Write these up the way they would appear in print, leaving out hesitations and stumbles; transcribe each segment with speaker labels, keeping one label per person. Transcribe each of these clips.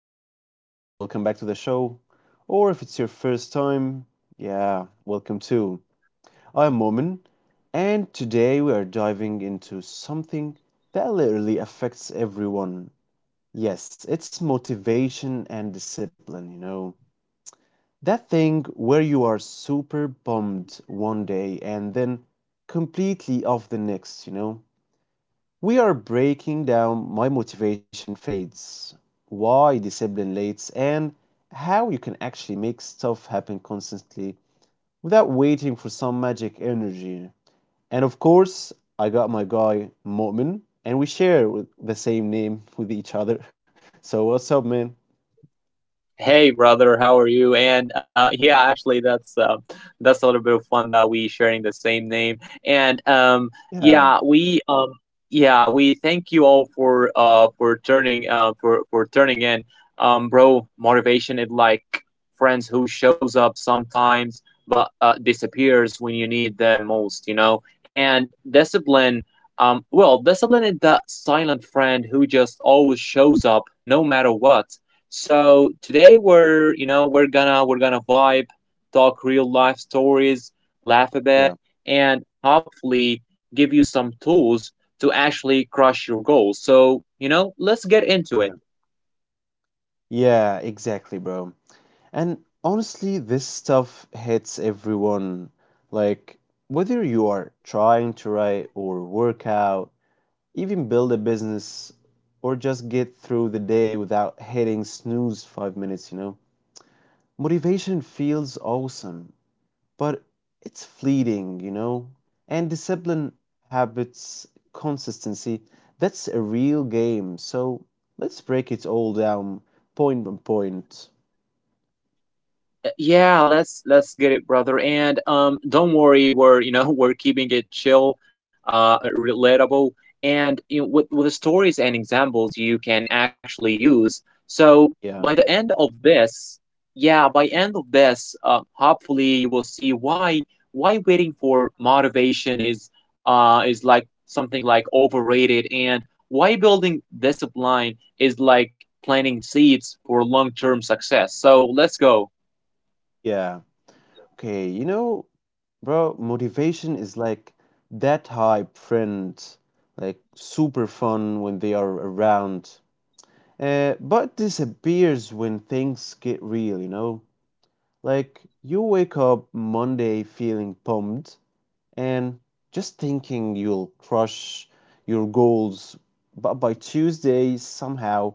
Speaker 1: back and welcome back to the show. Or if it's your first time, yeah, welcome too. I'm Momin, and today we are diving into something that literally affects everyone. Yes, it's motivation and discipline. That thing where you are super bummed one day and then completely off the next. We are breaking down my motivation fades, why discipline lates, and how you can actually make stuff happen constantly without waiting for some magic energy. And of course, I got my guy Mu'min, and we share with the same name with each other. So what's up, man?
Speaker 2: Hey brother, how are you? Actually, that's a little bit of fun that we sharing the same name. And
Speaker 1: Yeah,
Speaker 2: yeah, we um, yeah, we thank you all for turning in. Bro, motivation is like friends who shows up sometimes but disappears when you need them most, you know. And discipline, well, discipline is that silent friend who just always shows up no matter what. So today we're you know we're gonna vibe, talk real life stories, laugh a bit,
Speaker 1: yeah,
Speaker 2: and hopefully give you some tools to actually crush your goals. So you know, let's get into it.
Speaker 1: yeah. Yeah, exactly, bro. And honestly, this stuff hits everyone. Like, whether you are trying to write or work out, even build a business or just get through the day without hitting snooze 5 minutes, you know. Motivation feels awesome, but it's fleeting. And discipline, habits, consistency, that's a real game. So let's break it all down point by point.
Speaker 2: Yeah, let's get it, brother. And Don't worry, we're you know we're keeping it chill, relatable, and you know, with the stories and examples you can actually use. So
Speaker 1: Yeah,
Speaker 2: by the end of this, yeah, by end of this, hopefully you will see why waiting for motivation is like something like overrated, and why building discipline is like planting seeds for long term success. So let's go.
Speaker 1: yeah. Okay, you know, bro, motivation is like that hype friend, like super fun when they are around. But disappears when things get real, you know? Like, you wake up Monday feeling pumped and just thinking you'll crush your goals, but by Tuesday, somehow,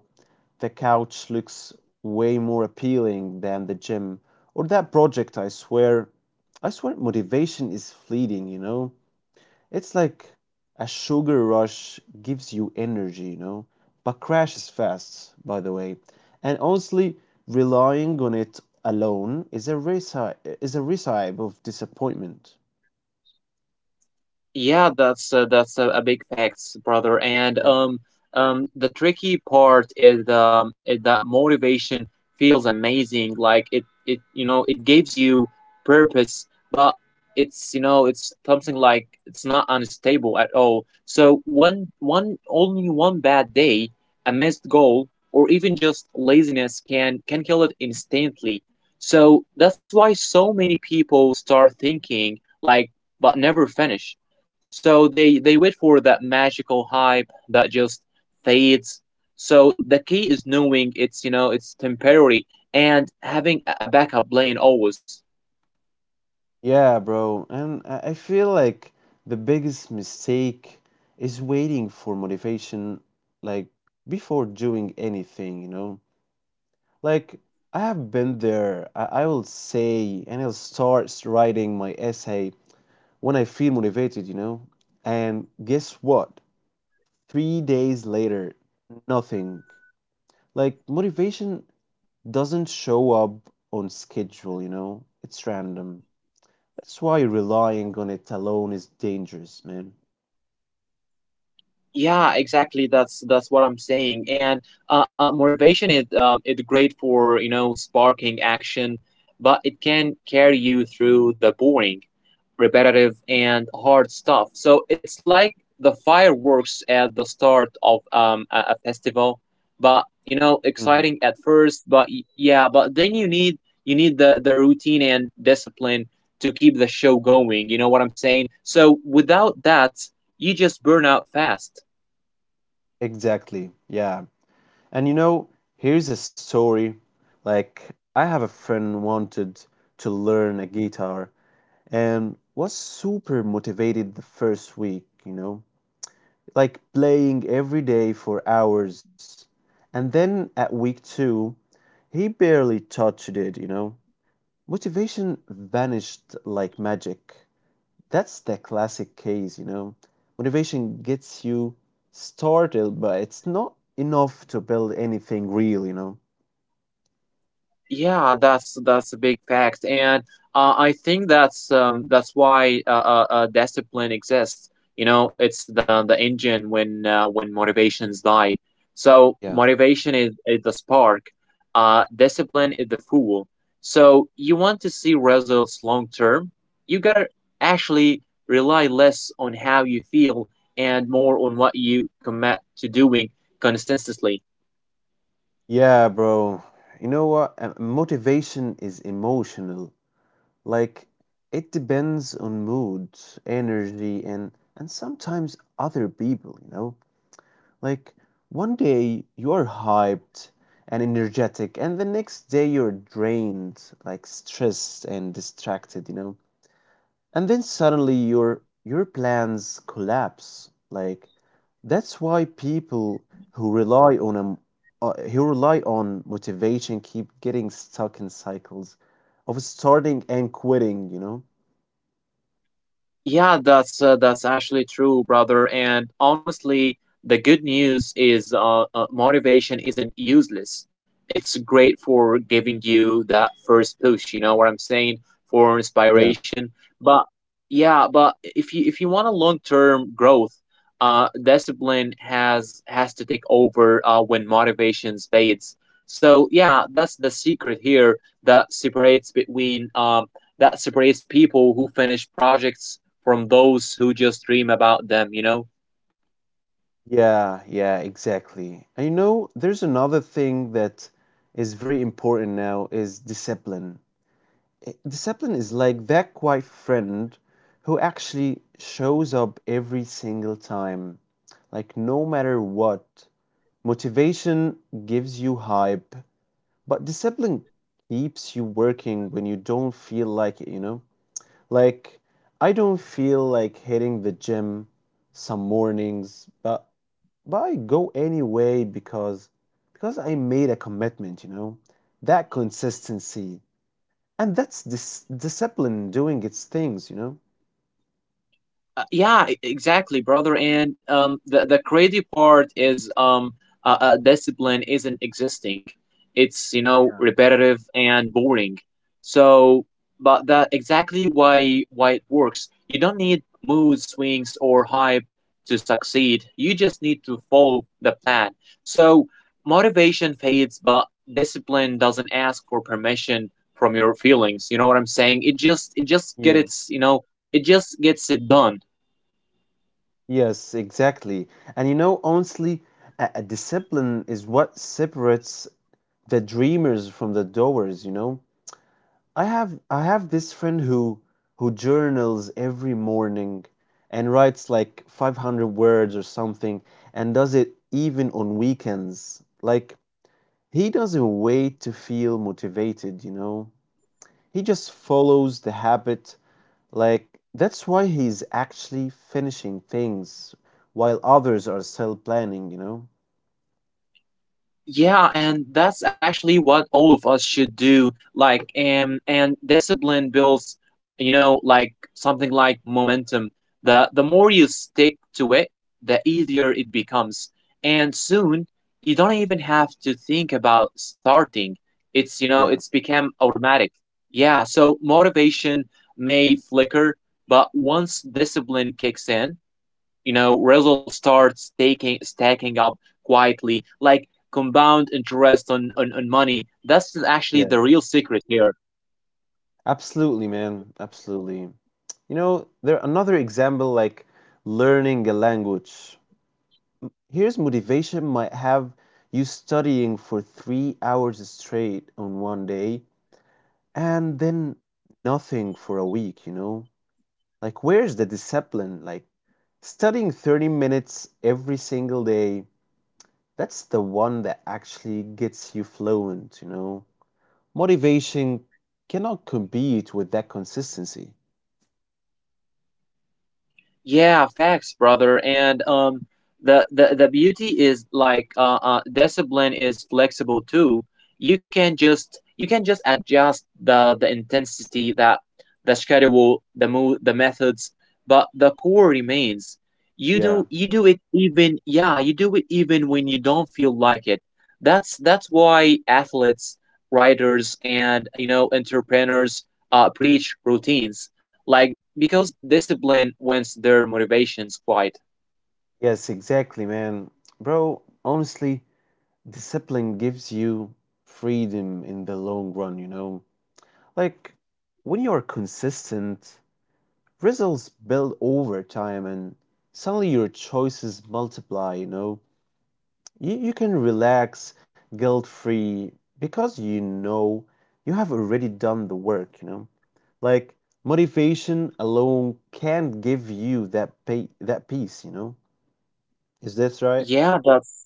Speaker 1: the couch looks way more appealing than the gym or that project, I swear. I swear, motivation is fleeting, you know? It's like a sugar rush gives you energy, you know, but crashes fast, by the way. And honestly, relying on it alone is a recipe of disappointment.
Speaker 2: Yeah, that's a big facts, brother. And
Speaker 1: Yeah.
Speaker 2: The tricky part is that motivation feels amazing. Like it you know, it gives you purpose, but it's you know, it's something like it's not unstable at all. So one bad day, a missed goal, or even just laziness can kill it instantly. So that's why so many people start thinking like, but never finish, so they wait for that magical hype that just fades. So the key is knowing it's you know it's temporary, and having a backup plan always.
Speaker 1: Yeah, bro. And I feel like the biggest mistake is waiting for motivation, like before doing anything, you know? Like, I have been there. I will say, and I'll start writing my essay when I feel motivated, you know? And guess what? 3 days later, nothing. Like, motivation doesn't show up on schedule, you know? It's random. That's why relying on it alone is dangerous, man.
Speaker 2: Yeah, exactly, that's what I'm saying. And motivation is it's great for you know sparking action, but it can carry you through the boring, repetitive and hard stuff. So it's like the fireworks at the start of a festival, but you know
Speaker 1: Mhm.
Speaker 2: exciting at first, but yeah, but then you need the routine and discipline to keep the show going, you know what I'm saying? So without that you just burn out fast.
Speaker 1: Exactly. Yeah. And you know, here's a story. Like, I have a friend wanted to learn a guitar and was super motivated the first week, you know? Like playing every day for hours. And then at week two, he barely touched it, you know? Motivation vanished like magic. That's the classic case, you know? Motivation gets you started, but it's not enough to build anything real, you know?
Speaker 2: Yeah, that's a big fact, and I think that's why discipline exists. You know, it's the engine when motivations die. So
Speaker 1: Yeah.
Speaker 2: motivation is the spark. Discipline is the fuel. So you want to see results long term, you gotta actually rely less on how you feel, and more on what you commit to doing consistently.
Speaker 1: Yeah, bro. You know what? Motivation is emotional. Like it depends on mood, energy, and sometimes other people, you know? Like one day you are hyped and energetic, and the next day you're drained, like stressed and distracted, you know? And then suddenly your plans collapse. Like that's why people who rely on who rely on motivation keep getting stuck in cycles of starting and quitting, you know?
Speaker 2: Yeah, that's actually true, brother. And honestly, the good news is motivation isn't useless. It's great for giving you that first push, you know what I'm saying, for
Speaker 1: Yeah.
Speaker 2: inspiration. But yeah, but if you want a long-term growth, discipline has to take over when motivation fades. So yeah, that's the secret here, that separates between that separates people who finish projects from those who just dream about them, you know?
Speaker 1: Yeah, yeah, exactly. And you know, there's another thing that is very important now, is discipline. Discipline is like that quiet friend who actually shows up every single time, like no matter what. Motivation gives you hype, but discipline keeps you working when you don't feel like it, you know? Like I don't feel like hitting the gym some mornings, but I go anyway because I made a commitment, you know. That consistency, and that's discipline doing its things, you know.
Speaker 2: Exactly, brother. And The crazy part is discipline isn't existing. It's you know
Speaker 1: Yeah.
Speaker 2: repetitive and boring. So, but that exactly why it works. You don't need mood swings or hype to succeed. You just need to follow the plan. So motivation fades, but discipline doesn't ask for permission from your feelings. You know what I'm saying? It just
Speaker 1: Yeah.
Speaker 2: gets its you know, it just gets it done.
Speaker 1: Yes, exactly. And you know, honestly, a discipline is what separates the dreamers from the doers, you know. I have this friend who journals every morning and writes like 500 words or something and does it even on weekends. Like he doesn't wait to feel motivated, you know. He just follows the habit. Like, that's why he's actually finishing things while others are still planning, you know?
Speaker 2: Yeah, and that's actually what all of us should do. Like, and discipline builds, you know, like something like momentum. The more you stick to it, the easier it becomes. And soon, you don't even have to think about starting. It's, you know,
Speaker 1: Yeah,
Speaker 2: it's become automatic. Yeah, so motivation may flicker, but once discipline kicks in, you know results start staking stacking up quietly like compound interest on money. That's actually
Speaker 1: yeah.
Speaker 2: the real secret here.
Speaker 1: Absolutely, man. Absolutely. You know, there another example like learning a language. Here's motivation might have you studying for 3 hours straight on one day and then nothing for a week, you know? Like, where's the discipline? Like studying 30 minutes every single day, that's the one that actually gets you fluent, you know. Motivation cannot compete with that consistency.
Speaker 2: Yeah, facts, brother. And The the beauty is like discipline is flexible too. You can just adjust the intensity, that the schedule, the move, the methods, but the core remains.
Speaker 1: Yeah.
Speaker 2: You do it even yeah you do it even when you don't feel like it. That's why athletes, writers, and you know entrepreneurs preach routines, like, because discipline wins their motivations quite.
Speaker 1: Yes, exactly, man. Bro, honestly, discipline gives you freedom in the long run, you know. Like, when you are consistent, results build over time, and suddenly your choices multiply, you know. You can relax guilt free because you know you have already done the work, you know? Like motivation alone can't give you that peace, you know? Is this right?
Speaker 2: Yeah, that's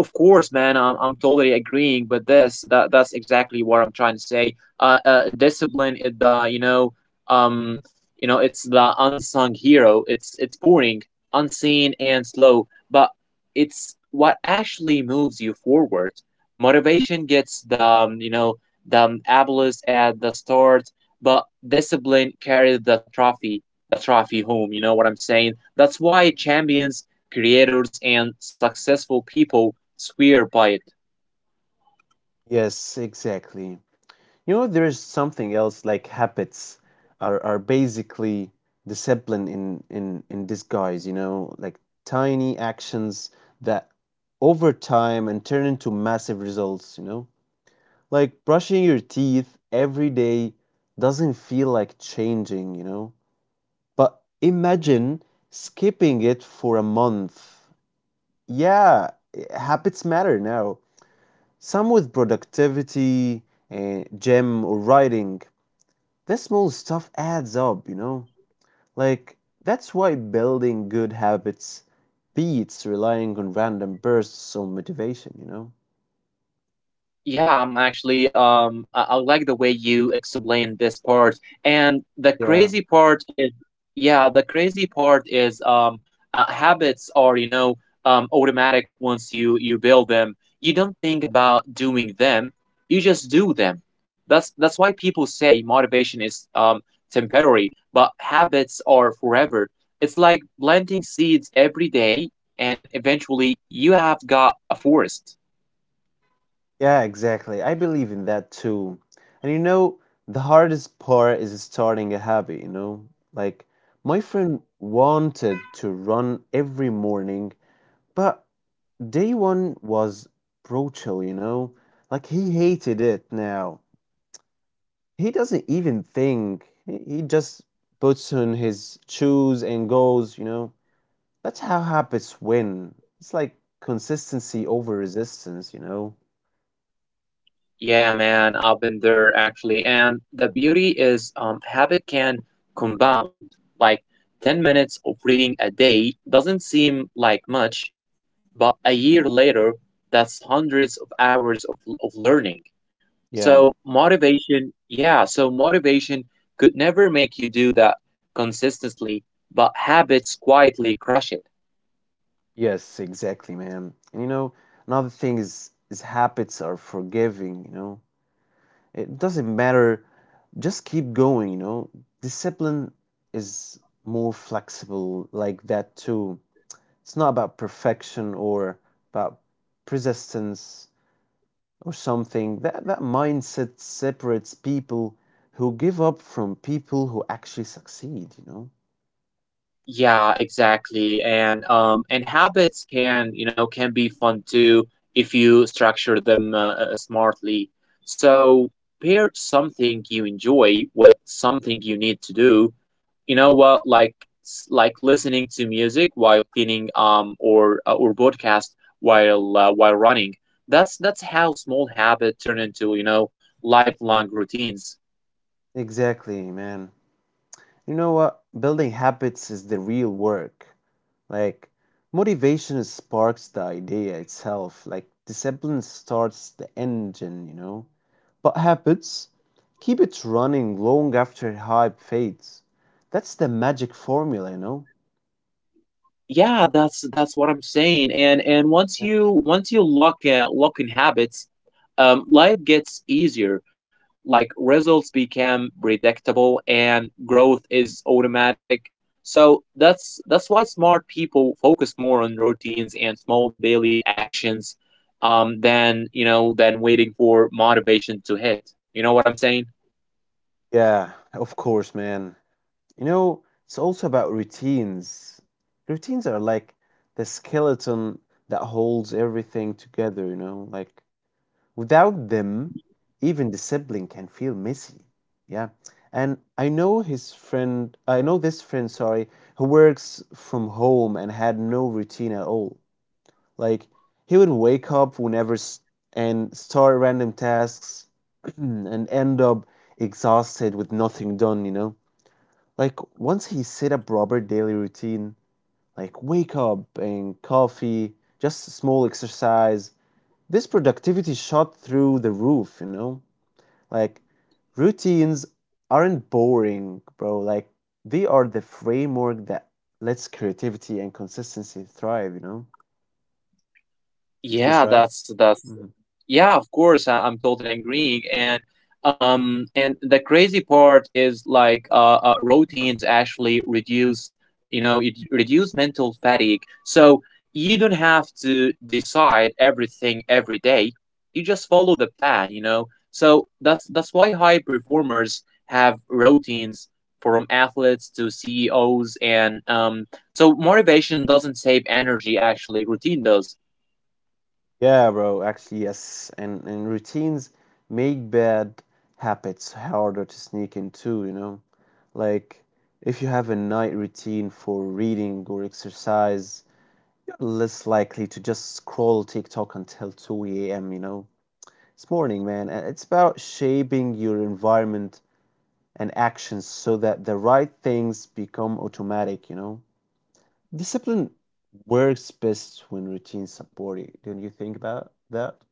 Speaker 2: of course man I'm totally agreeing with this, that's exactly what I'm trying to say. Discipline is the you know um it's the unsung hero. It's boring, unseen and slow, but it's what actually moves you forward. Motivation gets the you know the ableist at the start, but discipline carries the trophy home, you know what I'm saying? That's why champions, creators and successful people swear by it.
Speaker 1: Yes, exactly. You know, there is something else like habits are basically discipline in disguise, you know, like tiny actions that over time and turn into massive results, you know? Like brushing your teeth every day doesn't feel like changing, you know? But imagine skipping it for a month. Yeah, habits matter now. Some with productivity, and gym, or writing. That small stuff adds up, you know? Like, that's why building good habits beats relying on random bursts of motivation, you know?
Speaker 2: Yeah, I'm actually I like the way you explained this part. And the
Speaker 1: Yeah.
Speaker 2: crazy part is yeah, the crazy part is habits are, you know, automatic once you build them. You don't think about doing them. You just do them. That's why people say motivation is temporary, but habits are forever. It's like planting seeds every day, and eventually you have got a forest.
Speaker 1: Yeah, exactly. I believe in that too. And you know, the hardest part is starting a habit, you know? Like, my friend wanted to run every morning, but day one was brutal, you know? Like, he hated it now. He doesn't even think, he just puts on his shoes and goes, you know? That's how habits win. It's like consistency over resistance, you know?
Speaker 2: Yeah, man, I've been there actually. And the beauty is, habit can compound. Like 10 minutes of reading a day doesn't seem like much, but a year later, that's hundreds of hours of learning.
Speaker 1: Yeah.
Speaker 2: So motivation, yeah, so motivation could never make you do that consistently, but habits quietly crush it.
Speaker 1: Yes, exactly, man. And you know, another thing is habits are forgiving, you know. It doesn't matter, just keep going, you know. Discipline is more flexible like that too. It's not about perfection or about persistence or something. That mindset separates people who give up from people who actually succeed, you know.
Speaker 2: Yeah, exactly. And habits can, you know, can be fun too if you structure them smartly. So pair something you enjoy with something you need to do. You know what, like like listening to music while cleaning or podcast while running. That's how small habit turn into, you know, lifelong routines.
Speaker 1: Exactly, man. You know what? Building habits is the real work. Like motivation sparks the idea itself. Like discipline starts the engine, you know, but habits keep it running long after hype fades. That's the magic formula, you know.
Speaker 2: Yeah, that's what I'm saying. And
Speaker 1: Yeah.
Speaker 2: once you lock lock in habits, life gets easier. Like results become predictable and growth is automatic. So that's why smart people focus more on routines and small daily actions, than you know than waiting for motivation to hit, you know what I'm saying?
Speaker 1: Yeah, of course, man. You know, it's also about routines. Routines are like the skeleton that holds everything together, you know. Like without them, even the sibling can feel messy. Yeah. And I know this friend, sorry, who works from home and had no routine at all. Like, he would wake up whenever and start random tasks and end up exhausted with nothing done, you know? Like, once he set up Robert' daily routine, like wake up and coffee, just small exercise, this productivity shot through the roof, you know? Like, routines aren't boring, bro. Like, they are the framework that lets creativity and consistency thrive, you know? Is
Speaker 2: Yeah
Speaker 1: this right?
Speaker 2: that's
Speaker 1: Hmm.
Speaker 2: Yeah, of course, I'm totally agreeing. And the crazy part is like routines actually reduce, you know, it reduce mental fatigue. So you don't have to decide everything every day. You just follow the plan, you know. So that's why high performers have routines, from athletes to CEOs, and so motivation doesn't save energy actually, routine does.
Speaker 1: Yeah, bro. Actually, yes. And routines make bad habits harder to sneak into, you know? Like, if you have a night routine for reading or exercise, you're less likely to just scroll TikTok until 2 a.m., you know? This morning, man. And it's about shaping your environment and actions so that the right things become automatic, you know? Discipline works best when routines support it. Don't you think about that?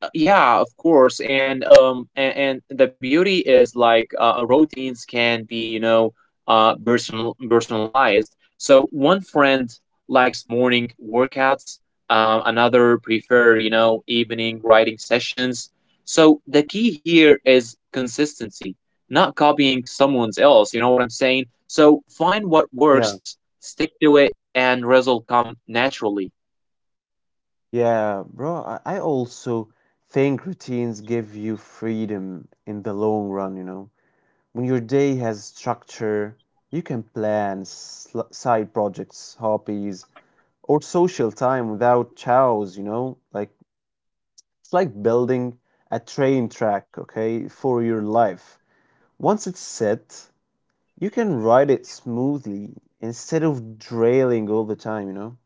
Speaker 2: Yeah, of course. And the beauty is like routines can be you know personalized. So one friend likes morning workouts. Another prefer you know evening writing sessions. So the key here is consistency, not copying someone else, you know what I'm saying? So find what
Speaker 1: Yeah,
Speaker 2: works, stick to it, and result come naturally.
Speaker 1: yeah, bro, I also think routines give you freedom in the long run, you know. When your day has structure, you can plan side projects, hobbies, or social time without chows, you know. Like, it's like building a train track, okay, for your life. Once it's set, you can ride it smoothly instead of drailing all the time, you know?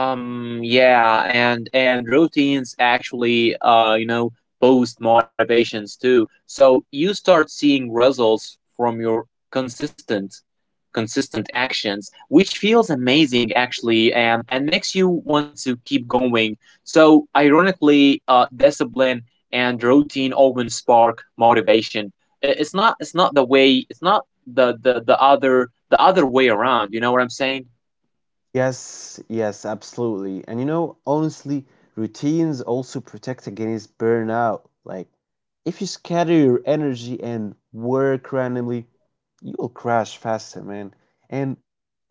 Speaker 2: Yeah, and routines actually, you know, boost motivations too. So you start seeing results from your consistent, consistent actions, which feels amazing actually, and makes you want to keep going. So ironically, discipline and routine often spark motivation. It's not the way, it's not the other the other way around. You know what I'm saying?
Speaker 1: Yes, yes, absolutely. And you know, honestly, routines also protect against burnout. Like, if you scatter your energy and work randomly, you'll crash faster, man. And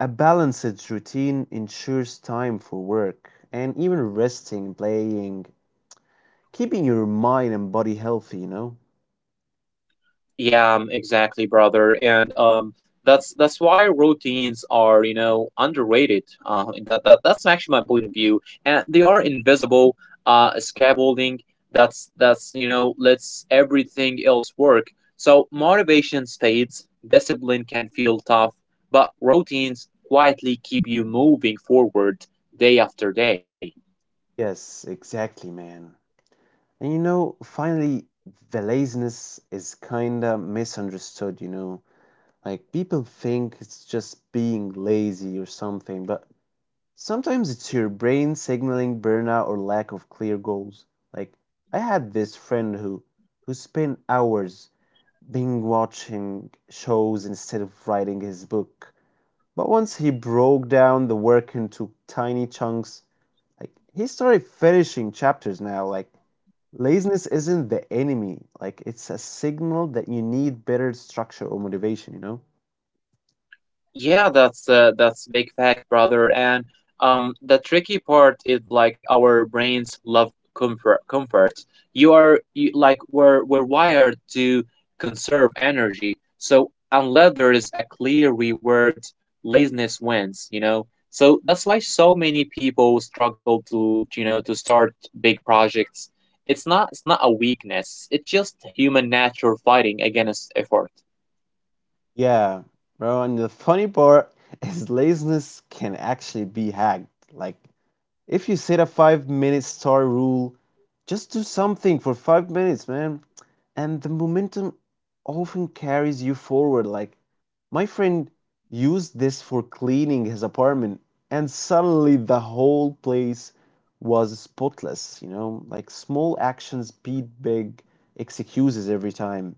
Speaker 1: a balanced routine ensures time for work and even resting, playing, keeping your mind and body healthy, you know?
Speaker 2: Yeah, exactly, brother. And That's why routines are, you know, underrated. That that's actually my point of view. And they are invisible. Scaffolding. That's You know lets everything else work. So motivation fades. Discipline can feel tough, but routines quietly keep you moving forward, day after day.
Speaker 1: Yes, exactly, man. And you know, finally, the laziness is kinda misunderstood, you know? Like, people think it's just being lazy or something, but sometimes it's your brain signaling burnout or lack of clear goals. Like, I had this friend who spent hours binge watching shows instead of writing his book. But once he broke down the work into tiny chunks, like he started finishing chapters now. Like laziness isn't the enemy. Like it's a signal that you need better structure or motivation, you know?
Speaker 2: Yeah, that's big fact, brother. And The tricky part is like our brains love comfort. Comfort. You are you, like We're wired to conserve energy. So unless there is a clear reward, laziness wins. You know. So that's why so many people struggle to you know to start big projects. It's not a weakness. It's just human nature fighting against effort.
Speaker 1: Yeah, bro. And the funny part is laziness can actually be hacked. Like if you set a 5-minute star rule, just do something for 5 minutes, man. And the momentum often carries you forward. Like, my friend used this for cleaning his apartment, and suddenly the whole place was spotless, you know? Like, small actions beat big excuses every time.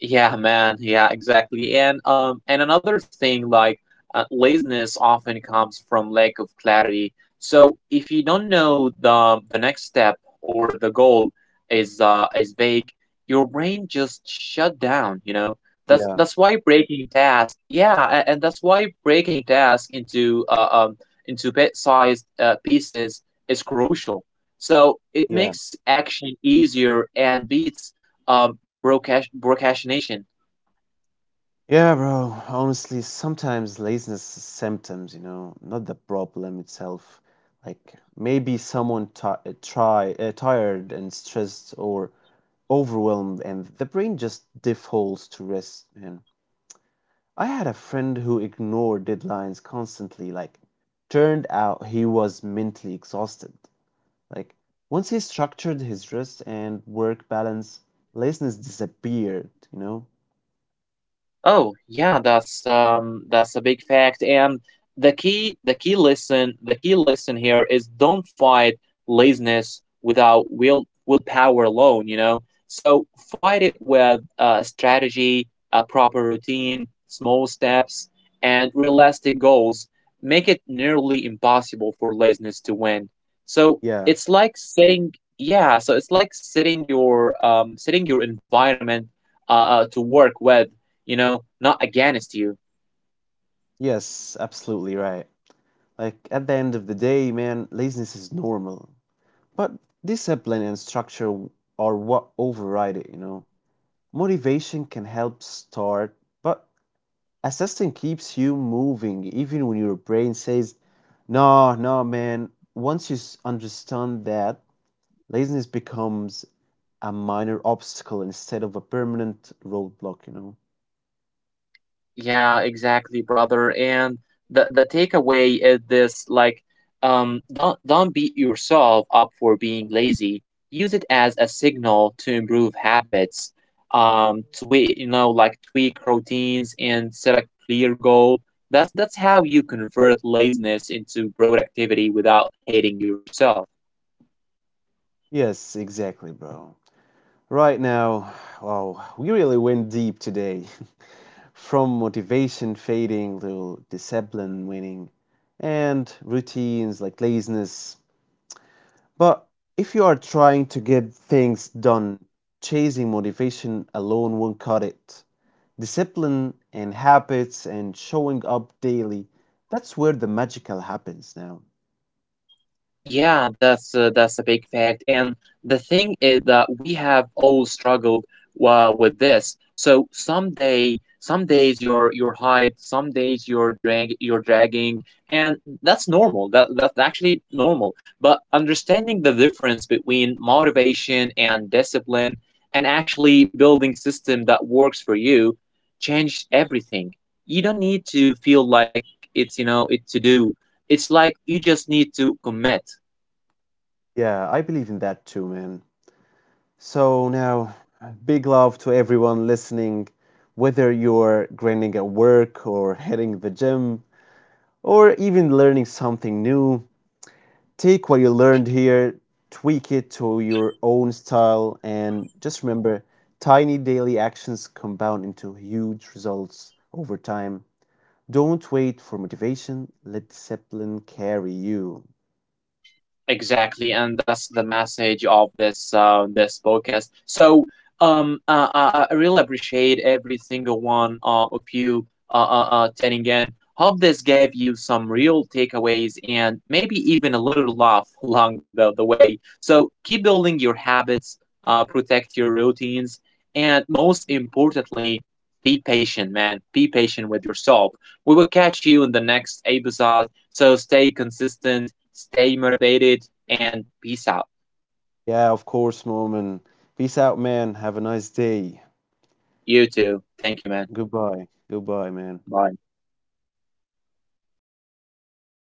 Speaker 2: Yeah, man. Yeah, exactly. And another thing, like laziness often comes from lack of clarity. So if you don't know the next step, or the goal is vague, your brain just shut down, you know?
Speaker 1: Yeah,
Speaker 2: That's Why breaking task, yeah, and that's why breaking task into bit-sized pieces is crucial. So it
Speaker 1: yeah.
Speaker 2: makes action easier and beats broadcast nation.
Speaker 1: Yeah, bro. Honestly, sometimes laziness is symptoms, you know, not the problem itself. Like maybe someone ti try tired and stressed, or overwhelmed, and the brain just defaults to rest, man. I had a friend who ignored deadlines constantly. Like, turned out he was mentally exhausted. Like, once he structured his rest and work balance, laziness disappeared, you know?
Speaker 2: Oh, yeah, that's a big fact. And the key lesson here is don't fight laziness without willpower alone, you know. So fight it with a strategy, a proper routine, small steps, and realistic goals. Make it nearly impossible for laziness to win. So
Speaker 1: Yeah.
Speaker 2: it's like setting yeah, so it's like setting your environment to work with you know, not against you.
Speaker 1: Yes, absolutely right. Like, at the end of the day, man, laziness is normal. But discipline and structure are what override it, you know? Motivation can help start, but a system keeps you moving even when your brain says, no, no, man. Once you understand that, laziness becomes a minor obstacle instead of a permanent roadblock, you know?
Speaker 2: Yeah, exactly, brother. And the takeaway is this: like, don't beat yourself up for being lazy. Use it as a signal to improve habits. Tweak, you know, like tweak routines, and set a clear goal. That's how you convert laziness into productivity without hating yourself.
Speaker 1: Yes, exactly, bro. Right now, wow, we really went deep today. From motivation fading to discipline winning, and routines, like laziness. But if you are trying to get things done, chasing motivation alone won't cut it. Discipline and habits and showing up daily, that's where the magical happens now.
Speaker 2: Yeah, that's a big fact. And the thing is that we have all struggled with this. So some days you're hyped, some days you're drag you're dragging, and that's normal. That's actually normal. But understanding the difference between motivation and discipline, and actually building system that works for you, change everything. You don't need to feel like it's you know it to do. It's like you just need to commit.
Speaker 1: Yeah, I believe in that too, man. So now, big love to everyone listening, whether you're grinding at work or hitting the gym or even learning something new. Take what you learned here, tweak it to your own style, and just remember, tiny daily actions compound into huge results over time. Don't wait for motivation, let discipline carry you.
Speaker 2: Exactly, and that's the message of this this podcast. So, I really appreciate every single one of you tuning in. Hope this gave you some real takeaways, and maybe even a little laugh along the way. So keep building your habits, protect your routines, and most importantly, be patient, man. Be patient with yourself. We will catch you in the next episode. So stay consistent, stay motivated, and peace out.
Speaker 1: Yeah, of course, Moment. Peace out, man. Have a nice day.
Speaker 2: You too. Thank you, man.
Speaker 1: Goodbye. Goodbye, man.
Speaker 2: Bye.